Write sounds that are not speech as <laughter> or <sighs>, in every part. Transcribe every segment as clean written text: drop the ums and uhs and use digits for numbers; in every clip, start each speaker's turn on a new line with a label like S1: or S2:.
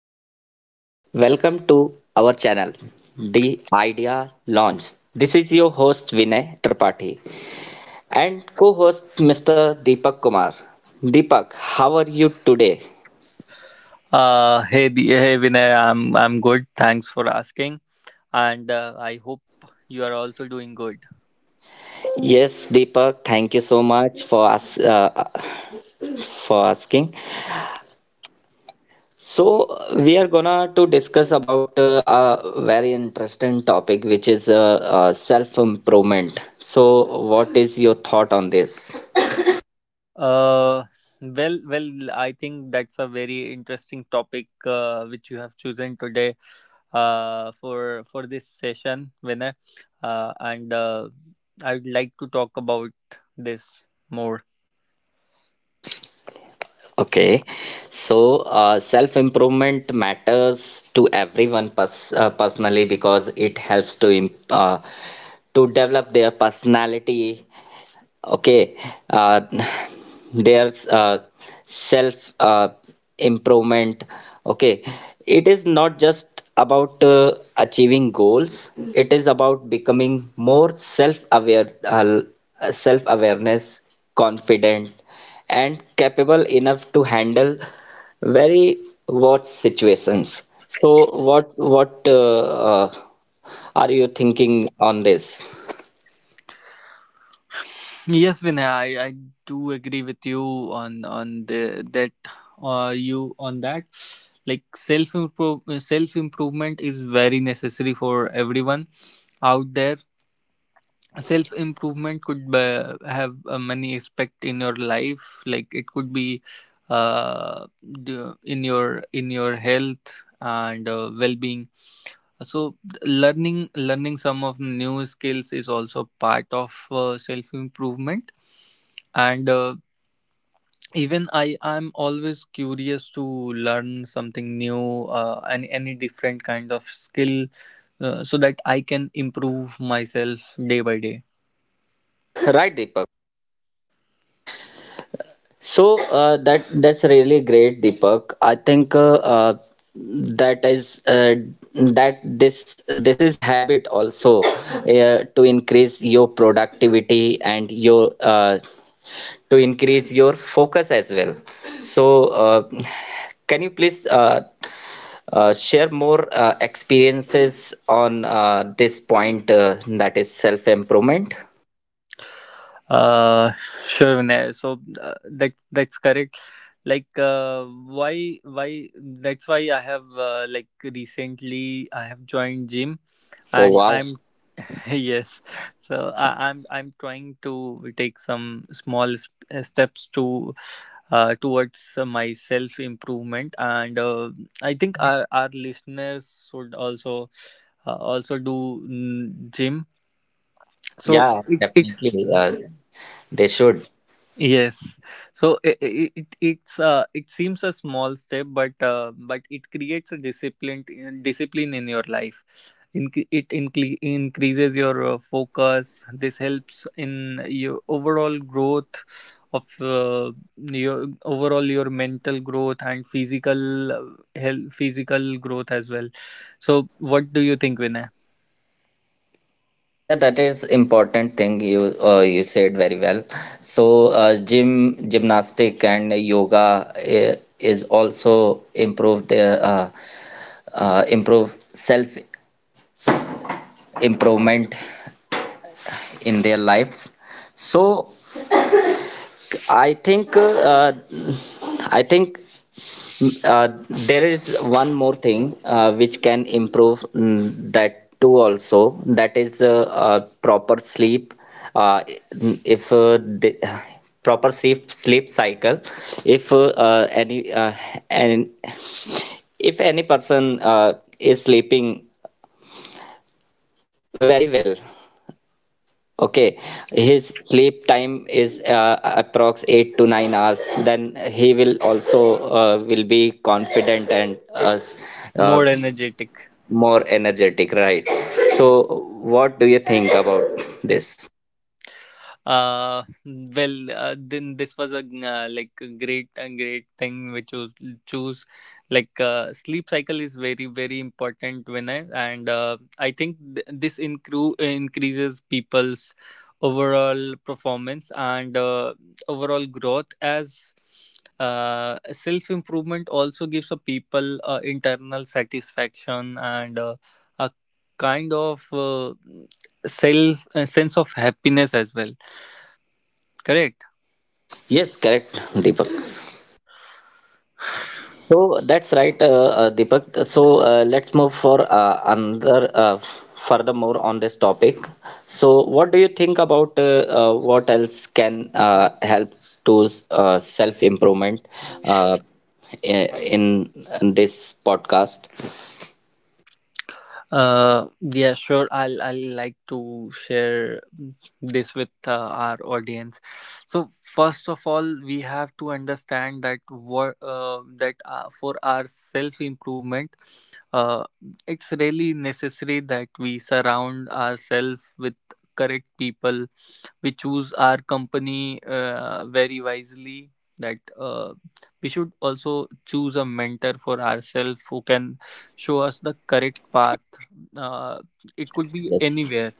S1: guys, welcome to our channel, The Idea Launch. This is your host Vinay Tripathi and co-host Mr. Deepak Kumar. Deepak, how are you today?
S2: Hey, hey Vinay, I'm good. Thanks for asking, and I hope you are also doing good.
S1: Yes, Deepak, thank you so much for us for asking. So we are gonna to discuss about a very interesting topic, which is self improvement. So, what is your thought on this?
S2: Uh, well, I think that's a very interesting topic which you have chosen today, for this session, Vinay, and I would like to talk about this more.
S1: Okay, so self improvement matters to everyone personally because it helps to to develop their personality. Okay, uh, there's self improvement. Okay, it is not just about achieving goals, it is about becoming more self aware, self awareness, confident, and capable enough to handle very worse situations. So what uh, are you thinking on this?
S2: Yes, Vinay, I do agree with you on that, like, self improvement is very necessary for everyone out there.
S1: Yeah.
S2: Self improvement could have many aspect in your life, like it could be, in your health and, well being. So learning some of new skills is also part of self improvement. And even I'm always curious to learn something new, and any different kind of skill, so that I can improve myself day by day.
S1: <coughs> Right, Deepak. So that's really great, Deepak. I think that is that this is habit also, <laughs> to increase your productivity and your to increase your focus as well. So can you please share more experiences on this point that is self-improvement?
S2: Uh, <laughs> sure, Vinay. So, that's correct. Like, why that's why I have, like, recently I have joined gym,
S1: Oh
S2: and
S1: wow!
S2: I'm… <laughs> yes. So I'm trying to take some small, steps to, towards, my self improvement. And I think our listeners should also, also do, gym. So
S1: Yeah,
S2: it's it's
S1: definitely. They should.
S2: Yes, so it seems a small step, but, but it creates a discipline in your life. It increases your, focus. This helps in your overall growth of, your overall, your mental growth and physical, health, physical growth as well. So, what do you think, Vinay?
S1: Yeah, that is important thing you you said very well. So gym gymnastic and yoga is also improve their improve self improvement in their lives. So I think uh, I think. Uh, there is one more thing which can improve that too also. That is proper sleep. Uh, if the, proper sleep sleep cycle. If any and if any person is sleeping very well, okay, his sleep time is approx 8 to 9 hours. Then he will also will be confident and
S2: More energetic.
S1: more energetic, right? So what do you think about this?
S2: uh well, then this was a, like, a great and great thing which was, choose, like, sleep cycle is very very important. When I, and I think, increases people's overall performance and, overall growth. As, self improvement also gives a people, internal satisfaction and, a kind of, self, a sense of happiness as well, correct?
S1: Yes, correct, Deepak. So that's right, Deepak. So let's move for another furthermore on this topic. So what do you think about what else can help to self improvement uh, i- in, in this podcast?
S2: Yeah, sure. I'll like to share this with, our audience. So first of all, we have to understand that what, that for our self improvement, uh, it's really necessary that we surround ourselves with correct people. We choose our company, very wisely. That, we should also choose a mentor for ourselves who can show us the correct path. uh, it could be
S1: Yes,
S2: anywhere,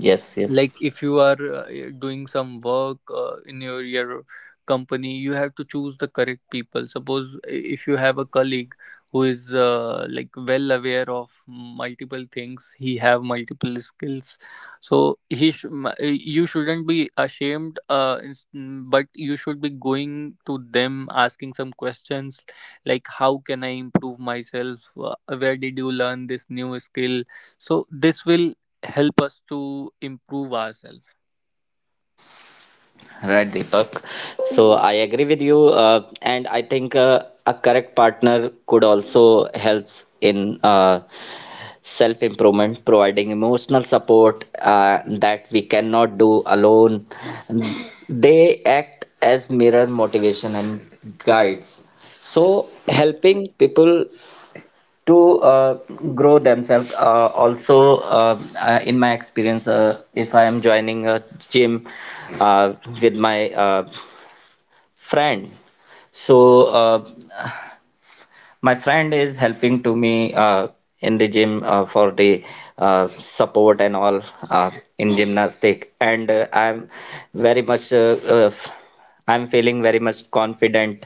S1: yes,
S2: like
S1: yes.
S2: if you are, doing some work, in your company. You have to choose the correct people. Suppose if you have a colleague who is, like, well aware of multiple things, he have multiple skills. So you shouldn't be ashamed, but you should be going to them asking some questions, like how can I improve myself, where did you learn this new skill? So this will help us to improve ourselves.
S1: Right, Deepak. So I agree with you, and I think a correct partner could also helps in self improvement, providing emotional support that we cannot do alone. They act as mirror motivation and guides. So helping people to grow themselves also in my experience if I am joining a gym uh, with my friend. So, my friend is helping to me in the gym for the support and all uh, in gymnastic, and I'm very much I'm feeling very much confident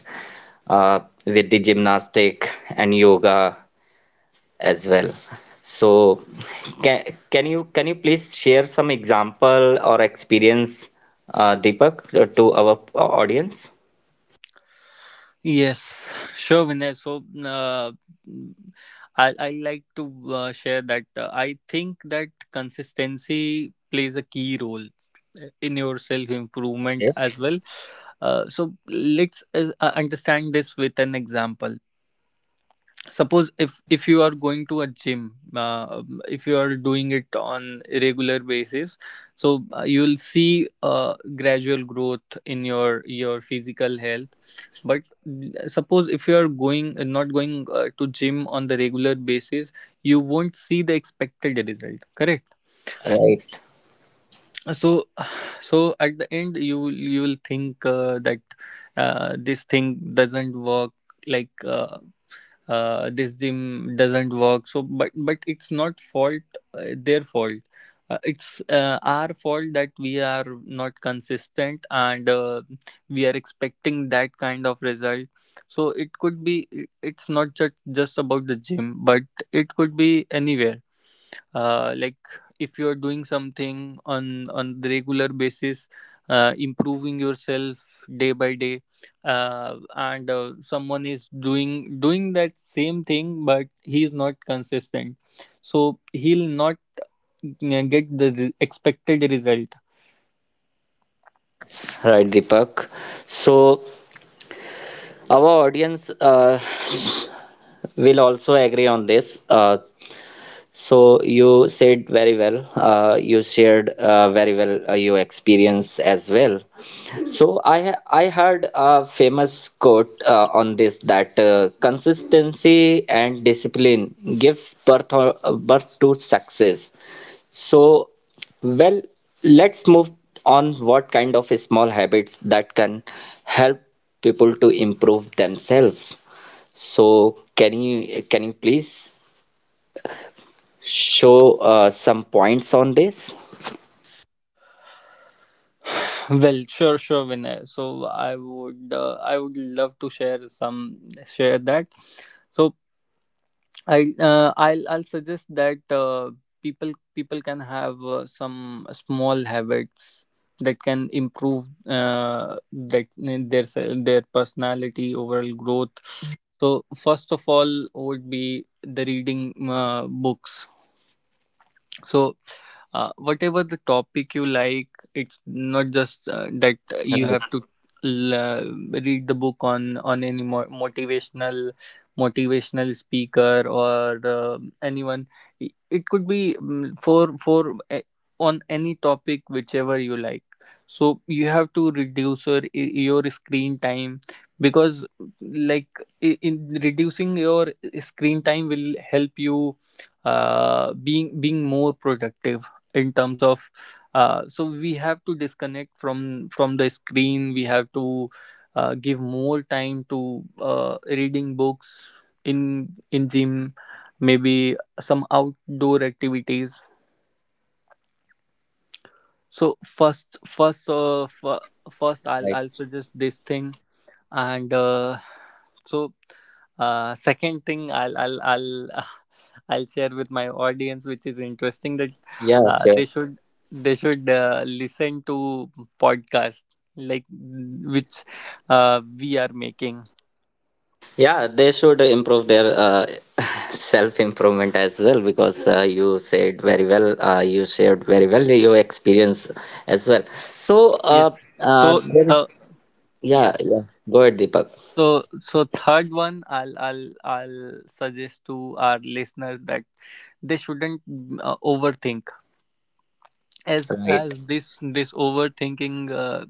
S1: uh, with the gymnastic and yoga as well. So, can can you can you please share some example or experience, Deepak, to our audience?
S2: Yes, sure, Vinay. So, I like to, share that, I think that consistency plays a key role, in your self improvement as well. So let's, understand this with an example. Suppose if you are going to a gym, if you are doing it on a regular basis. So, you will see, gradual growth in your physical health. But, suppose if you are going, not going to gym on the regular basis, you won't see the expected result, correct?
S1: Yes.
S2: So, <sighs> so at the end you will think, that this thing doesn't work, like, this gym doesn't work. So, but it's not fault, their fault. It's, our fault that we are not consistent, and, we are expecting that kind of result. So it could be, it's not just about the gym, but it could be anywhere, like if you are doing something on the regular basis, improving yourself day by day, and someone is doing that same thing, but he is not consistent, so he'll not, get the expected result.
S1: Right, Deepak. So, our audience will also agree on this. So, you said very well. You shared very well your experience as well. So, I heard a famous quote on this that consistency and discipline gives birth, or birth to success. So, well, let's move on, what kind of small habits that can help people to improve themselves. So, can you please show some points on this?
S2: <sighs> Well, sure sure, Vinay. So I would love to share some, share that so. I'll suggest that, people can have, some small habits that can improve, their personality overall growth. So first of all would be the reading, books. So, whatever the topic you like. It's not just, that you
S1: Right,
S2: have to, l- uh, read the book on any motivational speaker or, anyone. It could be, on any topic whichever you like. So you have to reduce your screen time, because, like, in reducing your, screen time will help you, being more productive in terms of, so we have to disconnect from the screen. We have to, give more time to, reading books, in gym, maybe some outdoor activities. So first, I'll
S1: right.
S2: I'll suggest this thing, and, so second thing I'll <laughs> I'll share with my audience, which is interesting, that
S1: Yeah, sure.
S2: they should, listen to podcast, like, which, we are making.
S1: Yeah, they should improve their <laughs> self-improvement as well because you said very well, you shared very well your experience as well. So,
S2: Yes. So
S1: there
S2: th-
S1: is,
S2: yeah.
S1: yeah, yeah. Go ahead, Deepak.
S2: So, third one, I'll suggest to our listeners that they shouldn't, overthink, as
S1: Right.
S2: as this overthinking, uh,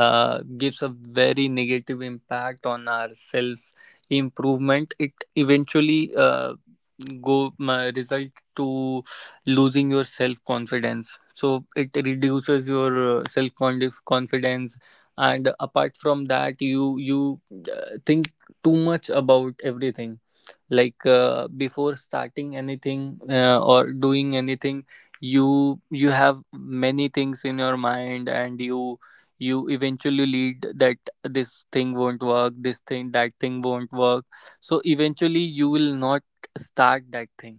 S2: uh, gives a very negative impact on our self improvement. It eventually, go result to losing your self confidence. So it reduces your, self confidence. And apart from that, you, think too much about everything, like, before starting anything, or doing anything. You have many things in your mind, and you eventually lead that this thing won't work, this thing, that thing won't work. So eventually you will not start that thing.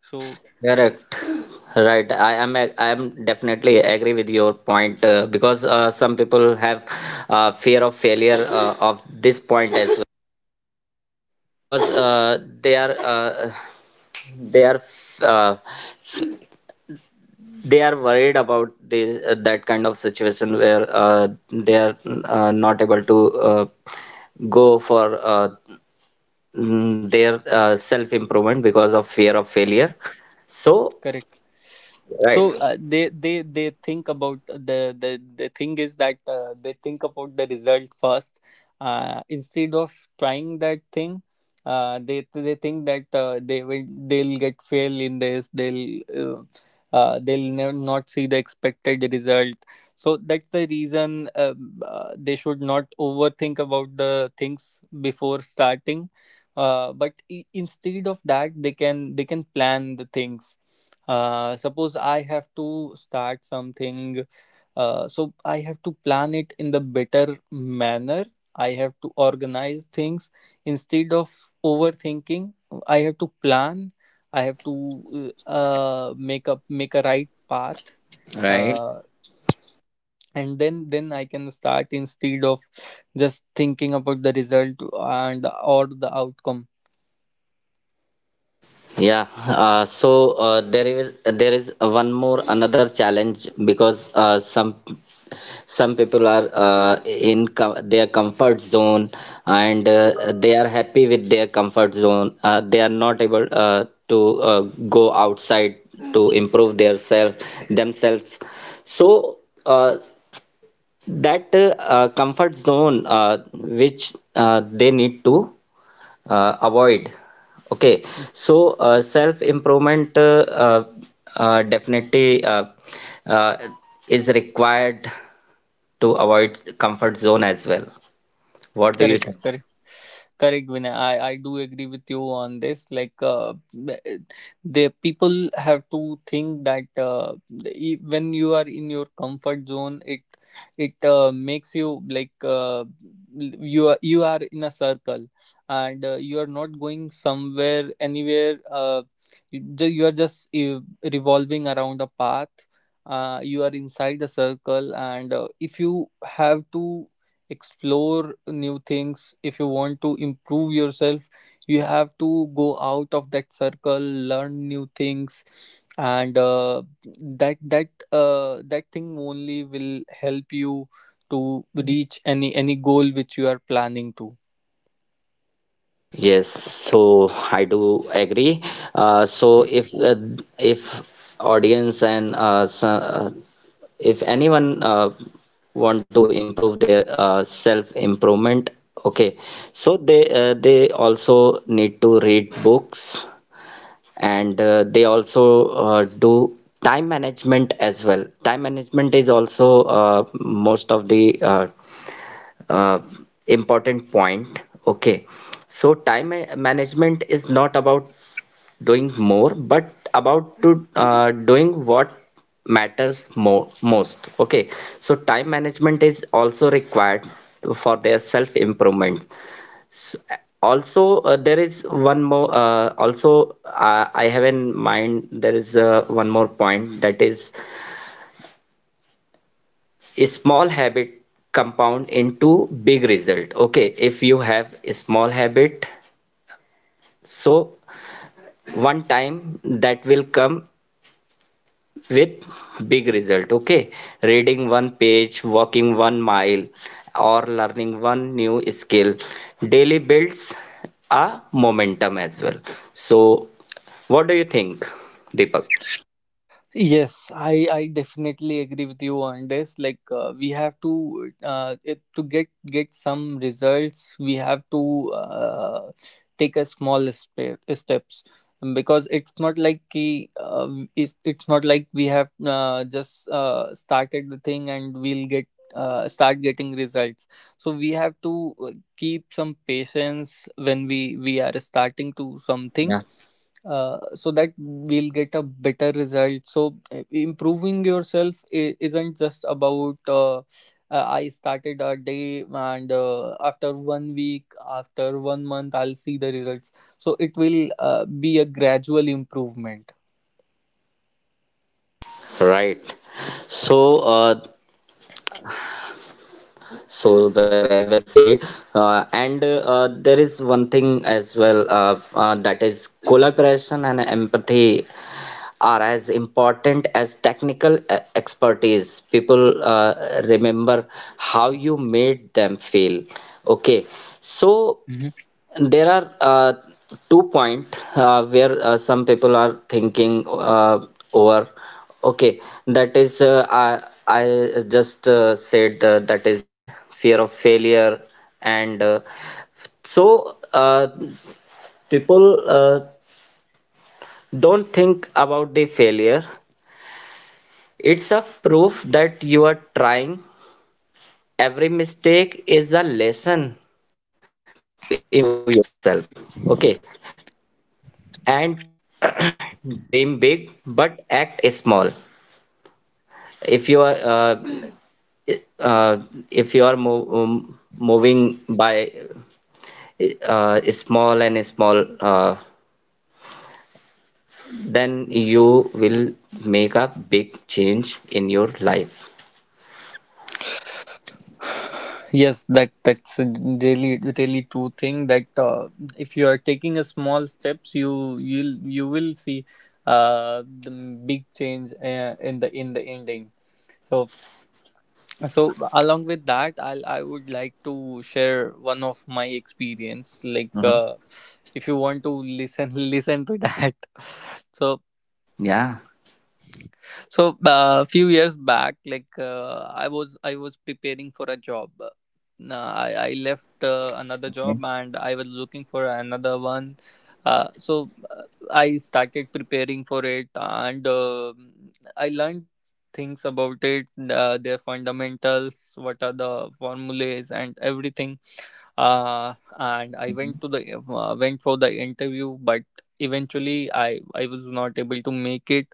S2: So,
S1: Correct. Right. I am definitely agree with your point because some people have fear of failure of this point as well because they are uh, they are worried about this that kind of situation where they are not able to go for their self improvement because of fear of failure. So,
S2: correct,
S1: right.
S2: so, they think about the the the thing. Is that, they think about the result first, instead of trying that thing, they think that, they'll get fail in this. Uh, they'll never not see the expected result. So that's the reason, they should not overthink about the things before starting, but, instead of that, they can plan the things, suppose I have to start something, so I have to plan it in the better manner. I have to organize things instead of overthinking. I have to plan, I have to, make a right path,
S1: Right.
S2: uh, and then I can start, instead of just thinking about the result, and or the outcome.
S1: Yeah, so there is one more another challenge because some people are in their comfort zone and they are happy with their comfort zone. They are not able to go outside to improve their self themselves. So uh, that comfort zone which they need to avoid, okay? So self improvement, definitely uh, is required to avoid comfort zone as well. What do you
S2: Correct,
S1: think?
S2: correct. Correct, Vinay. I do agree with you on this. Like, the people have to think that, when you are in your comfort zone, it makes you, like, you are in a circle, and, you are not going somewhere, anywhere. You are just, revolving around a path. You are inside the circle, and, if you have to explore new things, if you want to improve yourself, you have to go out of that circle, learn new things, and, that thing only will help you to reach any goal which you are planning to.
S1: Yes, so I do agree. So if audience and if anyone want to improve their self improvement, okay, so they also need to read books and they also do time management as well. Time management is also most of the uh, important point, okay? So time management is not about doing more but about to doing what matters more most, okay? So time management is also required for their self improvement. S- also there is one more also I have in mind there is one more point that is a small habit compound into big result, okay? If you have a small habit, so one time that will come with big result, okay? Reading one page, walking 1 mile, or learning one new skill daily builds a momentum as well. So what do you think, Deepak?
S2: Yes, I definitely agree with you on this. Like, we have to, to get some results, we have to, take a small, steps, because it's not like, it's not like we have, just, started the thing and we'll get, start getting results. So we have to, keep some patience when we are starting to something,
S1: Yeah.
S2: so that we'll get a better result. So, improving yourself isn't just about, I started a day, and, after one week, after one month, I'll see the results. So it will, be a gradual improvement.
S1: Right. So so very well said. And there is one thing as well, that is collaboration and empathy are as important as technical expertise. People remember how you made them feel, okay? So
S2: Mhm.
S1: there are two point where some people are thinking over, okay? That is I just said that is fear of failure. And so people don't think about the failure. It's a proof that you are trying. Every mistake is a lesson to improve yourself, okay? And <clears throat> dream big but act small. If you are uh, if you are moving by small and small, then you will make a big change in your life.
S2: Yes, that's a really really true thing that, if you are taking a small steps, you will see, the big change, in the ending. So, along with that, I would like to share one of my experience, like,
S1: Mm-hmm.
S2: if you want to listen <laughs> listen to that. <laughs> so
S1: Yeah.
S2: so a few years back, like, I was preparing for a job. I left, another job,
S1: Okay.
S2: and I was looking for another one. Uh, so uh, I started preparing for it, and, I learned things about it, their fundamentals, what are the formulas and everything. And I went to the went for the interview, but eventually I was not able to make it.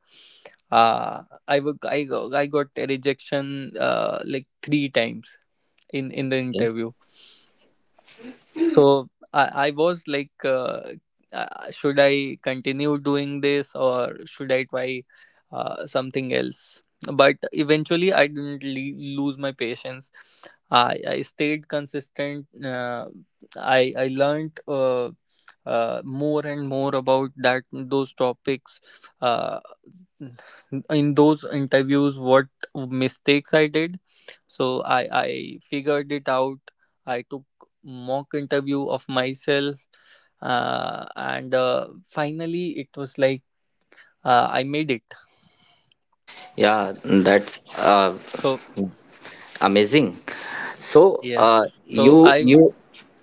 S2: I wo- I go- I got a rejection like three times in the
S1: Okay.
S2: interview. So I was like, should I continue doing this or should I try something else? But eventually I didn't lose my patience. I stayed consistent. I learned, more and more about that those topics. Uh, in those interviews, what mistakes I did. So I figured it out. I took mock interview of myself, and finally it was like, I made it.
S1: Yeah, that's
S2: So
S1: amazing. So
S2: yeah,
S1: uh,
S2: so
S1: you
S2: I would.
S1: you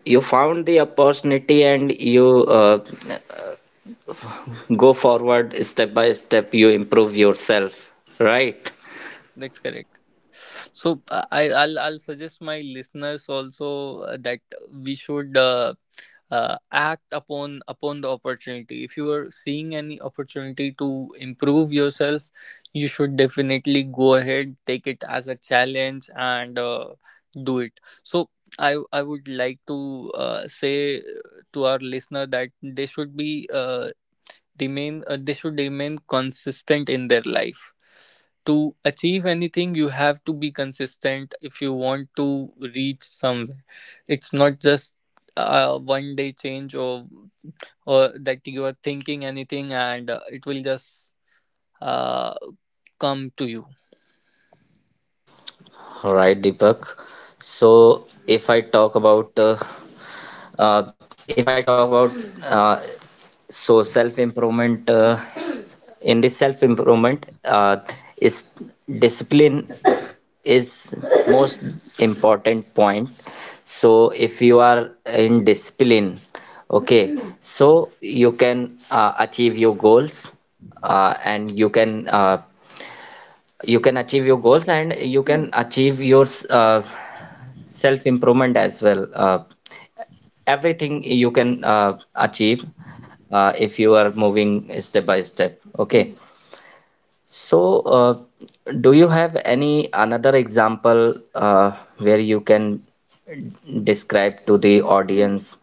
S1: you found the opportunity and you go forward step by step, you improve yourself, right?
S2: That's correct. So I'll suggest my listeners also that we should. Act upon the opportunity. If you are seeing any opportunity to improve yourself, you should definitely go ahead, take it as a challenge and do it. So I would like to say to our listener that they should be remain they should remain consistent in their life. To achieve anything, you have to be consistent if you want to reach somewhere. It's not just one day change or that you are thinking anything and it will just uh, come to you.
S1: Right, Deepak. So, uh, if I talk about uh, so self improvement in the self improvement is discipline is most important point. So, if you are in discipline, okay, so you can achieve your goals and you can achieve your goals and you can achieve your uh, self improvement as well, everything you can achieve if you are moving step by step, okay? So do you have any another example where you can describe to the audience?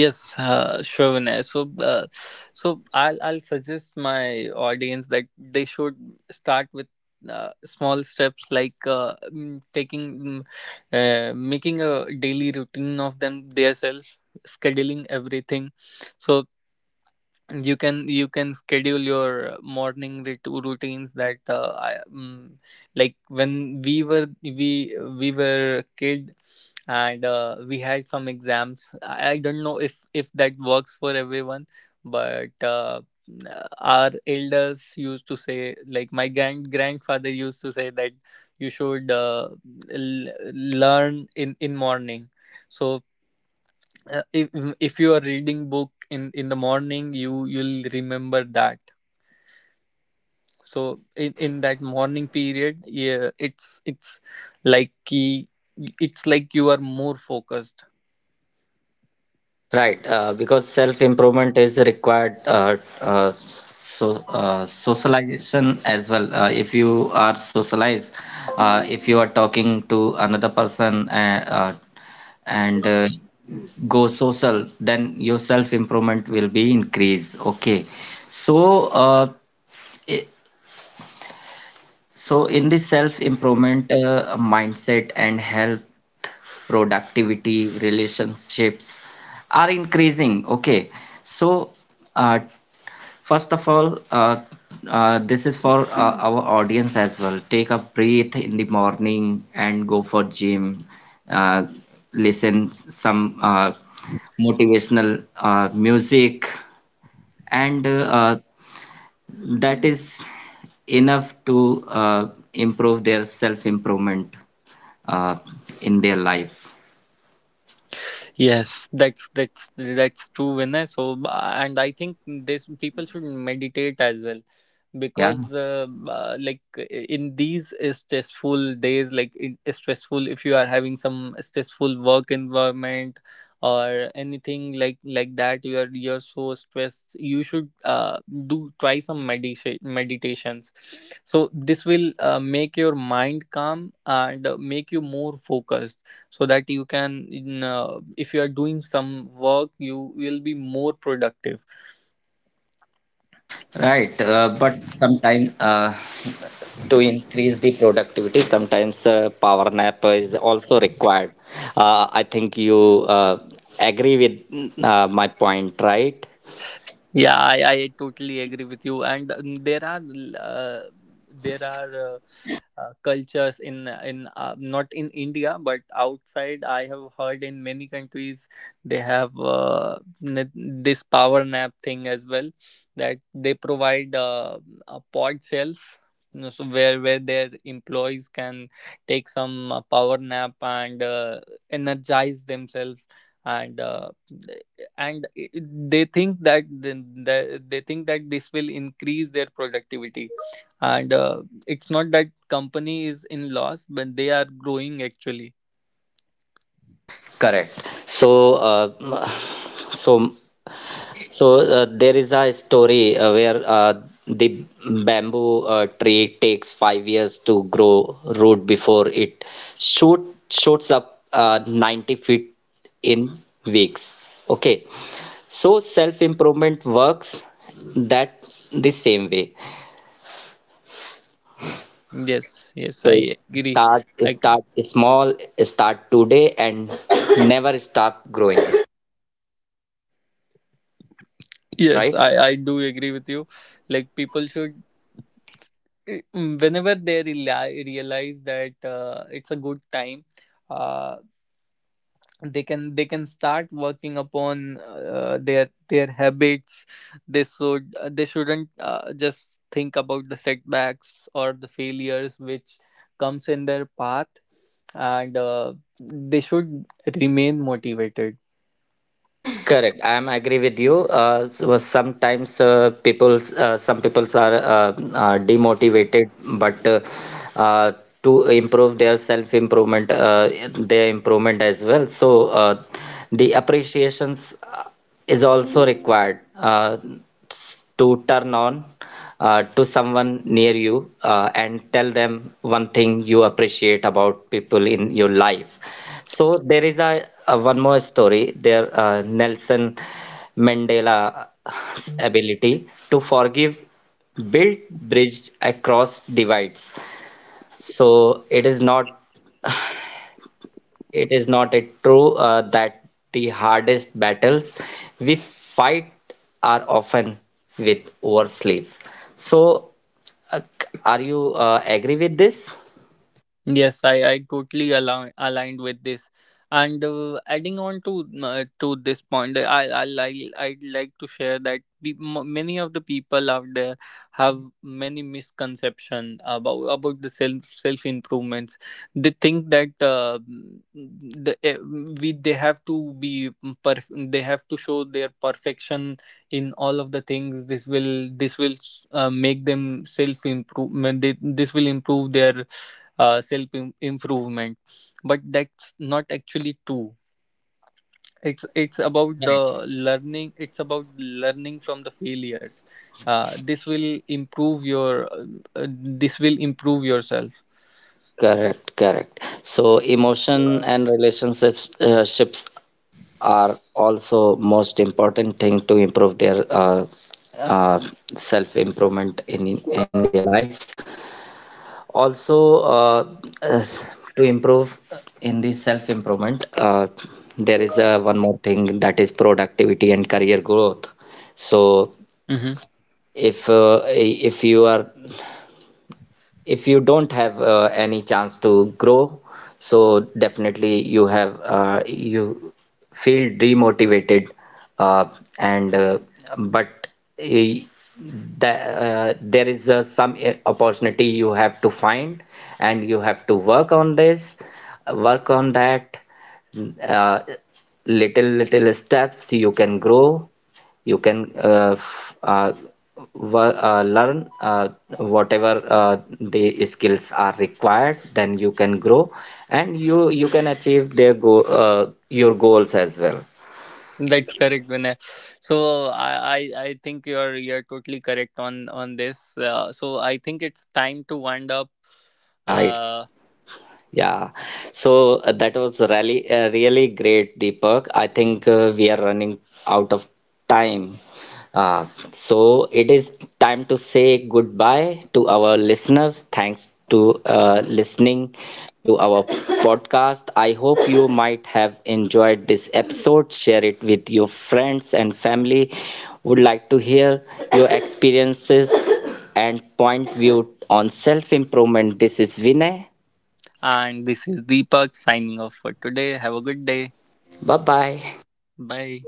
S2: Yes, sure, Vinay. So, I'll suggest my audience that they should start with small steps, like taking, making a daily routine of themselves, scheduling everything. So you can schedule your morning routines. That like when we were kid and we had some exams. I don't know if that works for everyone, but our elders used to say, like my grandfather used to say that you should learn in morning. So if you are reading book in the morning, you you'll remember that. So in that morning period, yeah, it's it's like ki- it's like you are more focused.
S1: Right, because self-improvement is required. Socialization as well. If you are socialized, if you are talking to another person, and go social, then your self-improvement will be increased. Okay, so i- so, in the self-improvement mindset and health, productivity, relationships are increasing. Okay. So, uh, first of all, this is for our audience as well. Take a breath in the morning and go for gym. Uh, listen some motivational music and that is enough to improve their self improvement uh, in their life.
S2: Yes, that's that's true, Vinay. So, and I think this people should meditate as well,
S1: Yeah,
S2: because in these stressful days, stressful. If you are having some stressful work environment or anything like that, you're so stressed. You should do try some meditations. So this will make your mind calm and make you more focused so that you can if you are doing some work, you will be more productive.
S1: right. Uh, but sometimes to increase the productivity, sometimes power nap is also required. I think you uh, agree with my point, right?
S2: Yeah, I totally agree with you. And there are cultures in not in India but outside. I have heard in many countries they have this power nap thing as well, that they provide a pod shelf. You know, so where their employees can take some power nap and energize themselves and uh, and i- they think that they think that this will increase their productivity, and it's not that company is in loss, but they are growing actually.
S1: Correct. So, so, there is a story where the bamboo tree takes 5 years to grow root before it shoot shoots up 90 feet in weeks. Okay. So self-improvement works that the same way.
S2: Yes,
S1: So
S2: I agree.
S1: start
S2: I,
S1: start small, start today, and never stop growing.
S2: yes,
S1: Right?
S2: I do agree with you. Like, people should, whenever they realize that it's a good time, uh, they can start working upon their habits. They shouldn't just think about the setbacks or the failures which comes in their path, and they should remain motivated.
S1: Correct. I'm agree with you. So sometimes people, some peoples are demotivated, but uh, to improve their self improvement, their improvement as well. So the appreciations is also required to turn on to someone near you and tell them one thing you appreciate about people in your life. So there is a one more story there, Nelson Mandela's ability to forgive built bridge across divides. So it is not a true that the hardest battles we fight are often with our sleeves. So are you agree with this?
S2: Yes, I totally aligned with this. And adding on to this point, I'd like to share that many of the people out there have many misconception about the self improvements. They think that the eh, we they have to be they have to show their perfection in all of the things. This will make them self improvement. This will improve their improvement, but that's not actually true. It's about the learning. It's about learning from the failures. This will improve your uh, this will improve yourself.
S1: Correct, correct. So emotion and relationships ships are also most important thing to improve their uh, self improvement in their lives. Also, as- to improve in the self improvement, there is a one more thing that is productivity and career growth. So
S2: Hmm.
S1: if you are if you don't have any chance to grow, so definitely you have you feel demotivated, uh, and but eh, there is some opportunity you have to find and you have to work on this, work on that. Uh, little little steps you can grow, you can uh, learn whatever the skills are required, then you can grow and you can achieve their go your goals as well,
S2: That's correct, Vinay. So, I, I think you're totally correct on this. So I think it's time to wind up,
S1: right?
S2: uh,
S1: Yeah, so that was really great, Deepak. I think we are running out of time. Uh, so it is time to say goodbye to our listeners. Thanks to listening to our podcast. I hope you might have enjoyed this episode. Share it with your friends and family. Would like to hear your experiences and point view on self improvement. This is Vinay.
S2: and this is Deepak signing off for today. Have a good day.
S1: Bye bye.
S2: Bye.